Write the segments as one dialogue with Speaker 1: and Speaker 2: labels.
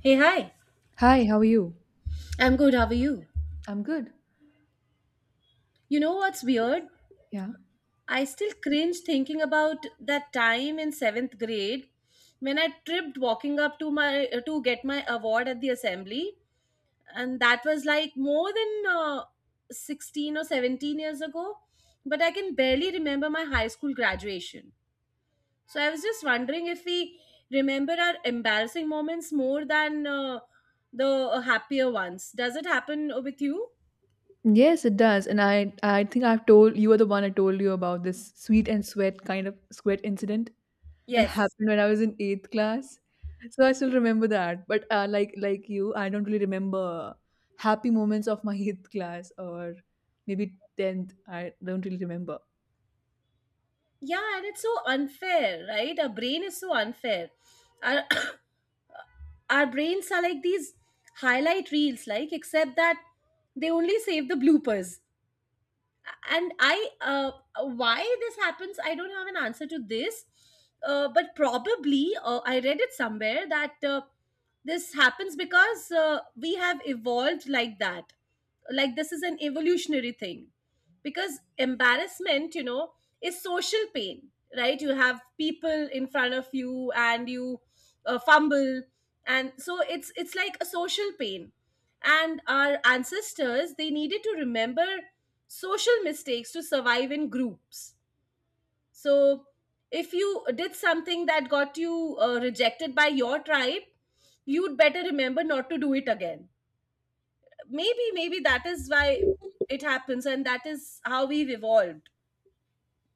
Speaker 1: Hey, hi.
Speaker 2: Hi, how are you?
Speaker 1: I'm good. How are you?
Speaker 2: I'm good.
Speaker 1: You know what's weird?
Speaker 2: Yeah.
Speaker 1: I still cringe thinking about that time in seventh grade when I tripped walking up to my to get my award at the assembly, and that was like more than 16 or 17 years ago. But I can barely remember my high school graduation. So I was just wondering if we remember our embarrassing moments more than the happier ones. Does it happen with you?
Speaker 2: Yes, it does. And I think I've told you are the one I told you about this sweet and sweat kind of sweat incident that
Speaker 1: Yes.
Speaker 2: happened when I was in eighth class. So I still remember that. But like you, I don't really remember happy moments of my eighth class or maybe tenth. I don't really remember.
Speaker 1: Yeah, and it's so unfair, right? Our brain is so unfair. Our, Our brains are like these highlight reels, like, except that they only save the bloopers and I why this happens I don't have an answer to this, but probably I read it somewhere that this happens because we have evolved like that, like this is an evolutionary thing because embarrassment, you know, is social pain. Right, you have people in front of you and you fumble, and so it's like a social pain, and our ancestors, they needed to remember social mistakes to survive in groups. So, if you did something that got you rejected by your tribe, you'd better remember not to do it again. Maybe that is why it happens, and that is how we've evolved.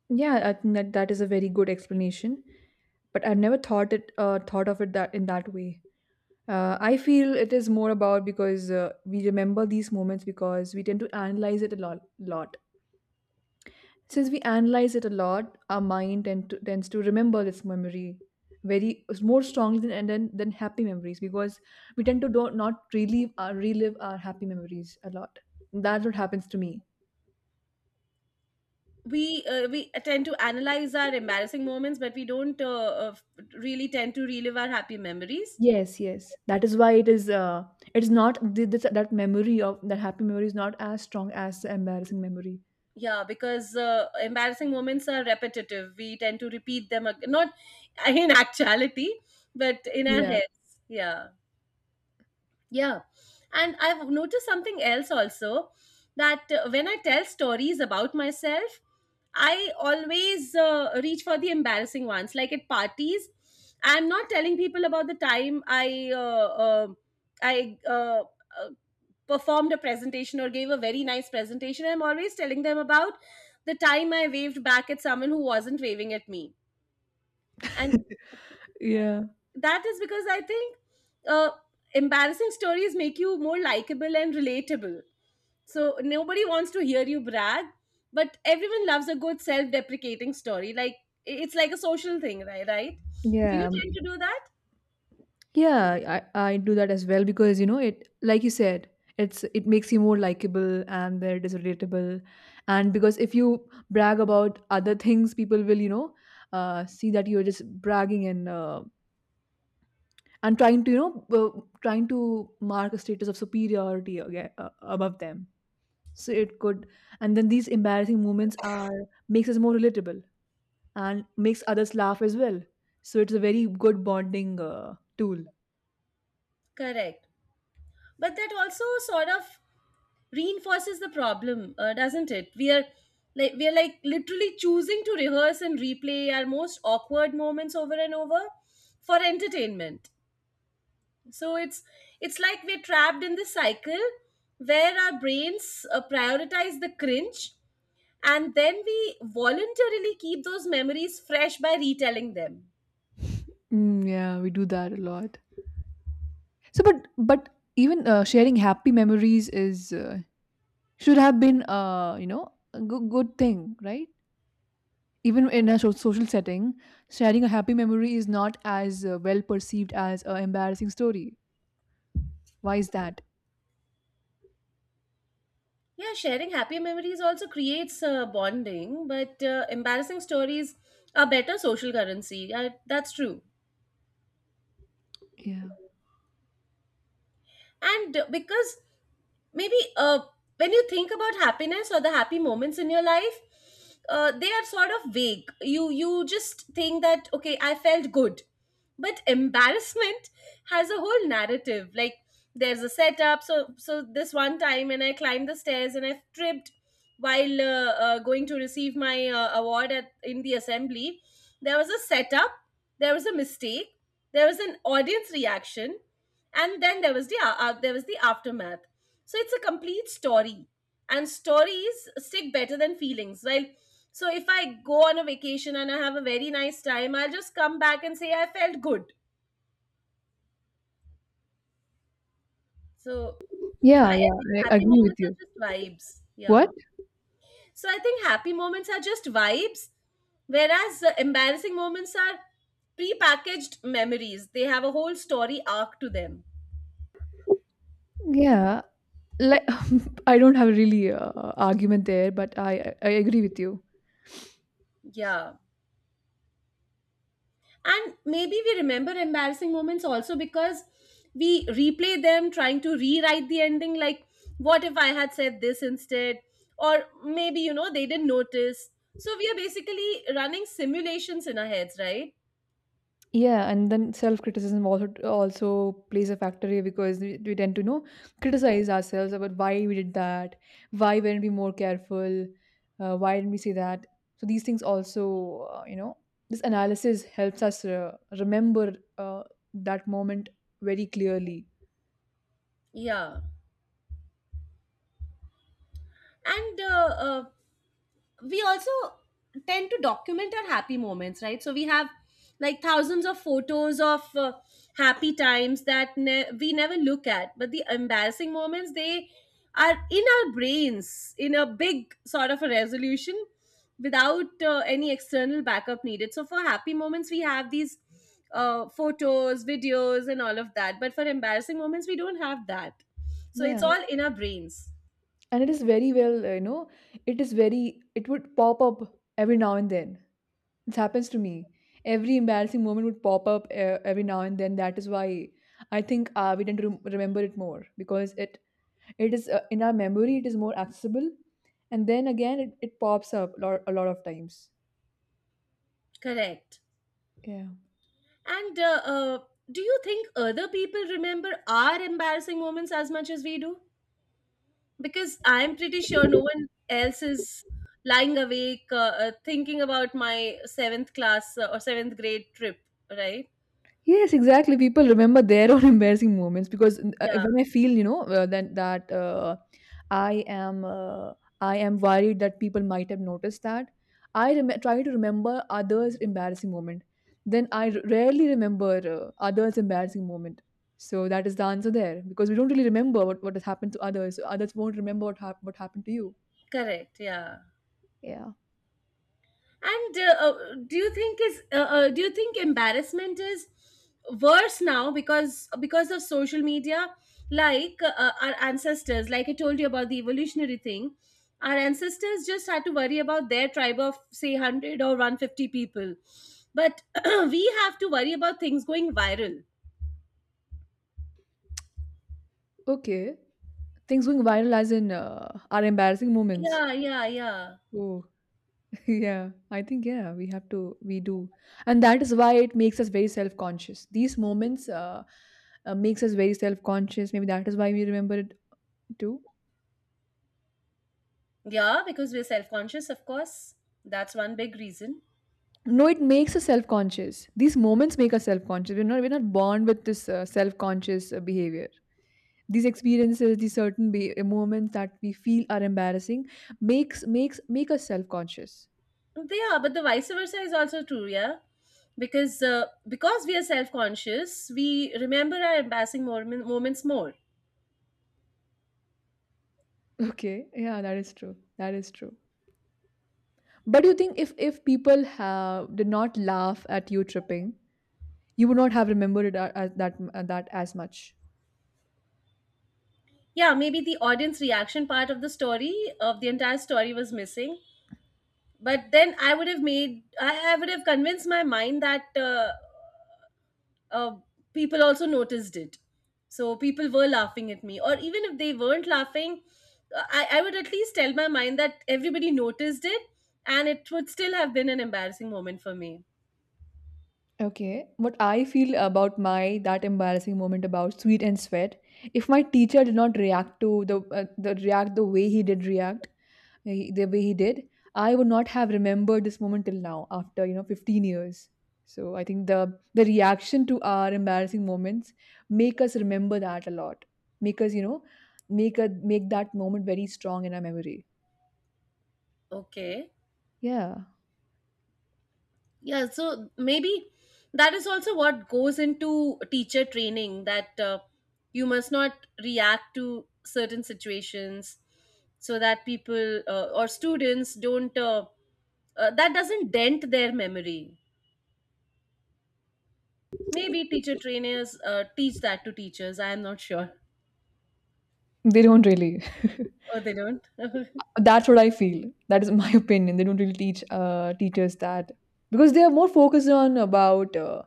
Speaker 2: Yeah, I think that that is a very good explanation. But I've never thought of it that in that way. I feel it is more about because we remember these moments because we tend to analyze it a lot. Since we analyze it a lot, our mind tends to remember this memory very more strongly than and then than happy memories because we tend to don't not relive our happy memories a lot. That's what happens to me.
Speaker 1: We tend to analyze our embarrassing moments, but we don't uh, really tend to relive our happy memories.
Speaker 2: Yes, yes. That is why it is. It's not this, that memory of that happy memory is not as strong as the embarrassing memory.
Speaker 1: Yeah, because embarrassing moments are repetitive. We tend to repeat them, not in actuality, but in our
Speaker 2: Yeah.
Speaker 1: heads. Yeah, yeah, and I've noticed something else also, that when I tell stories about myself, I always reach for the embarrassing ones, like at parties. I'm not telling people about the time I uh, performed a presentation or gave a very nice presentation. I'm always telling them about the time I waved back at someone who wasn't waving at me, and
Speaker 2: Yeah.
Speaker 1: that is because I think, uh, embarrassing stories make you more likable and relatable. So nobody wants to hear you brag, but everyone loves a good self-deprecating story. Like, it's like a social thing, right? Right? Do you
Speaker 2: Yeah.
Speaker 1: tend to do that?
Speaker 2: Yeah, I do that as well because it, like you said, it makes you more likable and there it is relatable. And because if you brag about other things, people will, see that you're just bragging and trying to mark a status of superiority aga above them. So it could. And then these embarrassing moments are makes us more relatable and makes others laugh as well. So it's a very good bonding tool.
Speaker 1: Correct. But that also sort of reinforces the problem, doesn't it? We are like, we are like literally choosing to rehearse and replay our most awkward moments over and over for entertainment. So it's like we're trapped in this cycle where our brains prioritize the cringe, and then we voluntarily keep those memories fresh by retelling them.
Speaker 2: Mm, yeah, we do that a lot. So, but even sharing happy memories is should have been, a good, good thing, right? Even in a social setting, sharing a happy memory is not as well perceived as an embarrassing story. Why is that?
Speaker 1: Yeah, sharing happy memories also creates bonding, but embarrassing stories are better social currency, that's true.
Speaker 2: Yeah,
Speaker 1: And because maybe when you think about happiness or the happy moments in your life, they are sort of vague. You just think that, okay, I felt good. But embarrassment has a whole narrative. Like, there's a setup. So, so this one time, and I climbed the stairs, and I tripped while going to receive my award at in the assembly. There was a setup, there was a mistake, there was an audience reaction, and then there was there was the aftermath. So it's a complete story, and stories stick better than feelings. Well, so if I go on a vacation and I have a very nice time, I'll just come back and say I felt good. So i
Speaker 2: yeah,
Speaker 1: I
Speaker 2: yeah.
Speaker 1: think
Speaker 2: I
Speaker 1: happy
Speaker 2: agree with
Speaker 1: moments
Speaker 2: you.
Speaker 1: are just vibes.
Speaker 2: What?
Speaker 1: Yeah, so I think happy moments are just vibes, whereas embarrassing moments are pre-packaged memories. They have a whole story arc to them.
Speaker 2: Yeah, like I don't have really argument there, but I agree with you.
Speaker 1: Yeah. And maybe we remember embarrassing moments also because we replay them, trying to rewrite the ending. Like, what if I had said this instead? Or maybe, you know, they didn't notice. So we are basically running simulations in our heads, right?
Speaker 2: Yeah, and then self-criticism also plays a factor here because we tend to criticize ourselves about why we did that, why weren't we more careful, why didn't we say that. So these things also, this analysis helps us remember that moment very clearly.
Speaker 1: Yeah. And we also tend to document our happy moments, right? So we have like thousands of photos of happy times that we never look at, but the embarrassing moments, they are in our brains in a big sort of a resolution without any external backup needed. So for happy moments, we have these photos, videos, and all of that. But for embarrassing moments, we don't have that. So
Speaker 2: Yeah,
Speaker 1: it's all in our brains.
Speaker 2: and it is very well, you know, it is very it would pop up every now and then. This happens to me. Every embarrassing moment would pop up, every now and then. That is why I think, we tend to remember it more because it is, in our memory. It is more accessible, and then again, it pops up a lot of times.
Speaker 1: Correct.
Speaker 2: Yeah.
Speaker 1: And do you think other people remember our embarrassing moments as much as we do? Because I'm pretty sure no one else is lying awake, thinking about my seventh class, or seventh grade trip, right?
Speaker 2: Yes, exactly. People remember their own embarrassing moments because,
Speaker 1: Yeah,
Speaker 2: when I feel, you know, that that I am I am worried that people might have noticed that. I try to remember others' embarrassing moment. Then I rarely remember others' embarrassing moment. So that is the answer there because we don't really remember what has happened to others. So others won't remember what happened to you.
Speaker 1: correct. Yeah.
Speaker 2: Yeah.
Speaker 1: And do you think is do you think embarrassment is worse now because of social media? Like our ancestors, like I told you about the evolutionary thing, our ancestors just had to worry about their tribe of say 100 or 150 people, but we have to worry about things going viral.
Speaker 2: Okay. Things going viral as in, are embarrassing moments.
Speaker 1: Yeah, yeah, yeah,
Speaker 2: Oh. Yeah, I think, yeah, we do, and that is why it makes us very self conscious. These moments makes us very self conscious. Maybe that is why we remember it too.
Speaker 1: yeah. Because we're self conscious, of course. That's one big reason.
Speaker 2: No, it makes us self conscious. These moments make us self conscious. We're not born with this, self conscious, behavior. These experiences, these certain moments that we feel are embarrassing, make us self conscious.
Speaker 1: They are, but the vice versa is also true, yeah. Because we are self conscious, we remember our embarrassing moments more.
Speaker 2: Okay, yeah, that is true. That is true. But you think if people have did not laugh at you tripping? You would not have remembered it as that as much.
Speaker 1: Yeah, maybe the audience reaction part of the story of the entire story was missing, but then I would have made, I would have convinced my mind that uh, people also noticed it. So people were laughing at me, or even if they weren't laughing, I would at least tell my mind that everybody noticed it, and it would still have been an embarrassing moment for me.
Speaker 2: Okay. What I feel about my that embarrassing moment about sweet and sweat. If my teacher did not react to the react, the way he did react, the way he did, I would not have remembered this moment till now after 15 years. So I think the reaction to our embarrassing moments make us remember that a lot. Make us you know make a make that moment very strong in our memory.
Speaker 1: Okay.
Speaker 2: Yeah,
Speaker 1: Yeah, so maybe that is also what goes into teacher training that you must not react to certain situations so that people or students don't, that doesn't dent their memory. Maybe teacher trainers teach that to teachers. I am not sure.
Speaker 2: they don't really.
Speaker 1: Oh, they don't.
Speaker 2: That's what I feel. That is my opinion. They don't really teach, teachers that because they are more focused on about, uh,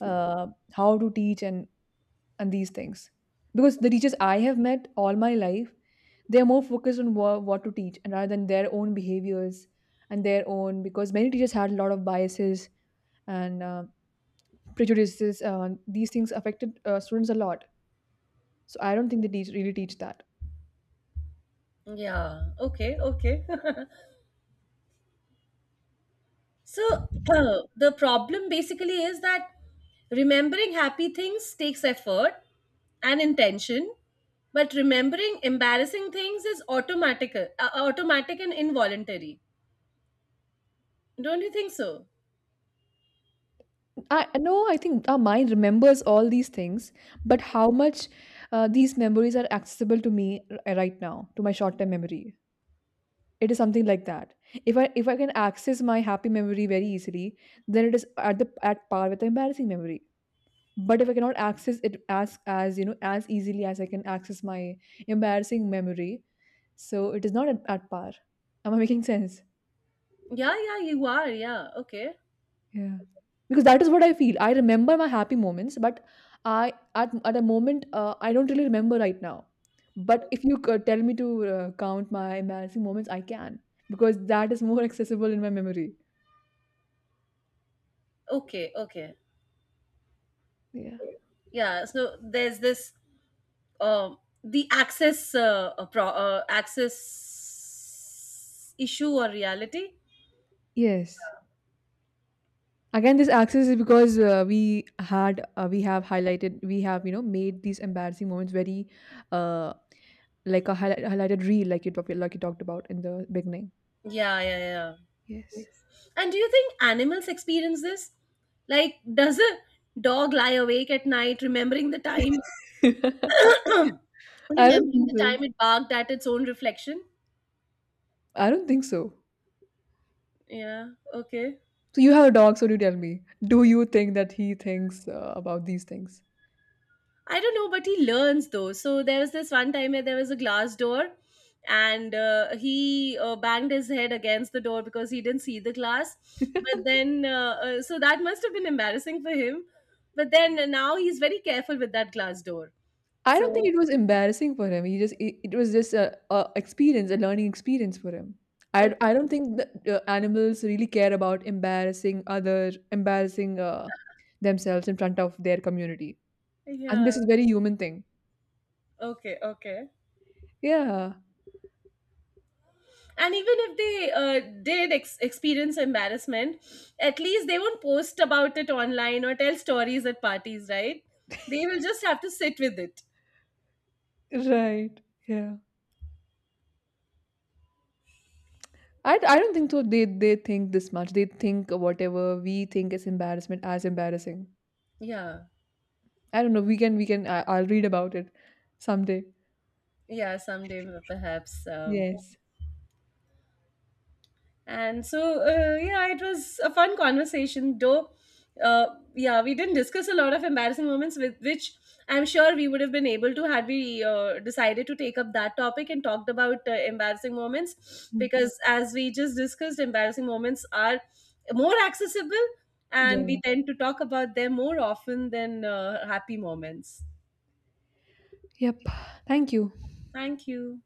Speaker 2: uh, how to teach and these things. Because the teachers I have met all my life, they are more focused on what to teach and rather than their own behaviors and their own, because many teachers had a lot of biases and, prejudices. These things affected, students a lot. So I don't think they teach really teach that.
Speaker 1: Yeah. Okay. Okay. So the problem basically is that remembering happy things takes effort and intention, but remembering embarrassing things is automatic, automatic and involuntary. Don't you think so?
Speaker 2: I no, I think our mind remembers all these things, but how much, these memories are accessible to me, right now, to my short-term memory. It is something like that. If I can access my happy memory very easily, then it is at par with the embarrassing memory. But if I cannot access it as as easily as I can access my embarrassing memory, so it is not at par. Am I making sense?
Speaker 1: Yeah, yeah, you are. Yeah, okay,
Speaker 2: Yeah. Because that is what I feel. I remember my happy moments, but I at a moment, I don't really remember right now. But if you could tell me to, count my embarrassing moments, I can because that is more accessible in my memory.
Speaker 1: okay, okay.
Speaker 2: Yeah.
Speaker 1: Yeah. So there's this um the access issue or reality.
Speaker 2: Yes. Again, this access is because, we have highlighted we have you know made these embarrassing moments very, uh like a highlighted reel, like you talked about in the beginning.
Speaker 1: Yeah, yeah, yeah.
Speaker 2: Yes.
Speaker 1: Yes. And do you think animals experience this? Like, does a dog lie awake at night remembering the time
Speaker 2: I don't
Speaker 1: remembering
Speaker 2: think
Speaker 1: the
Speaker 2: so.
Speaker 1: time it barked at its own reflection?
Speaker 2: I don't think so.
Speaker 1: Yeah, okay.
Speaker 2: So you have a dog, so do tell me, do you think that he thinks, about these things?
Speaker 1: I don't know, but he learns though. So there was this one time where there was a glass door and he banged his head against the door because he didn't see the glass. But then, so that must have been embarrassing for him. But then now he's very careful with that glass door.
Speaker 2: I don't think
Speaker 1: So,
Speaker 2: it was embarrassing for him. It was just a experience, a learning experience for him. I don't
Speaker 1: okay.
Speaker 2: think that, animals really care about embarrassing themselves in front of their community. And
Speaker 1: Yeah.
Speaker 2: this is very human thing.
Speaker 1: Okay. Okay.
Speaker 2: Yeah,
Speaker 1: And even if they did experience embarrassment, at least they won't post about it online or tell stories at parties, right? They will just have to sit with it.
Speaker 2: right. Yeah. I don't think so. They think this much. They think whatever we think is embarrassment as embarrassing.
Speaker 1: Yeah.
Speaker 2: I don't know. We can. I'll read about it someday.
Speaker 1: Yeah. Someday, perhaps.
Speaker 2: Yes.
Speaker 1: And so, yeah, it was a fun conversation, though. Uh, yeah, we didn't discuss a lot of embarrassing moments, with which I'm sure we would have been able to, had we decided to take up that topic and talked about embarrassing moments.
Speaker 2: Mm.
Speaker 1: Because as we just discussed, embarrassing moments are more accessible, and we
Speaker 2: Yeah.
Speaker 1: tend to talk about them more often than happy moments.
Speaker 2: Yep. Thank you.
Speaker 1: Thank you.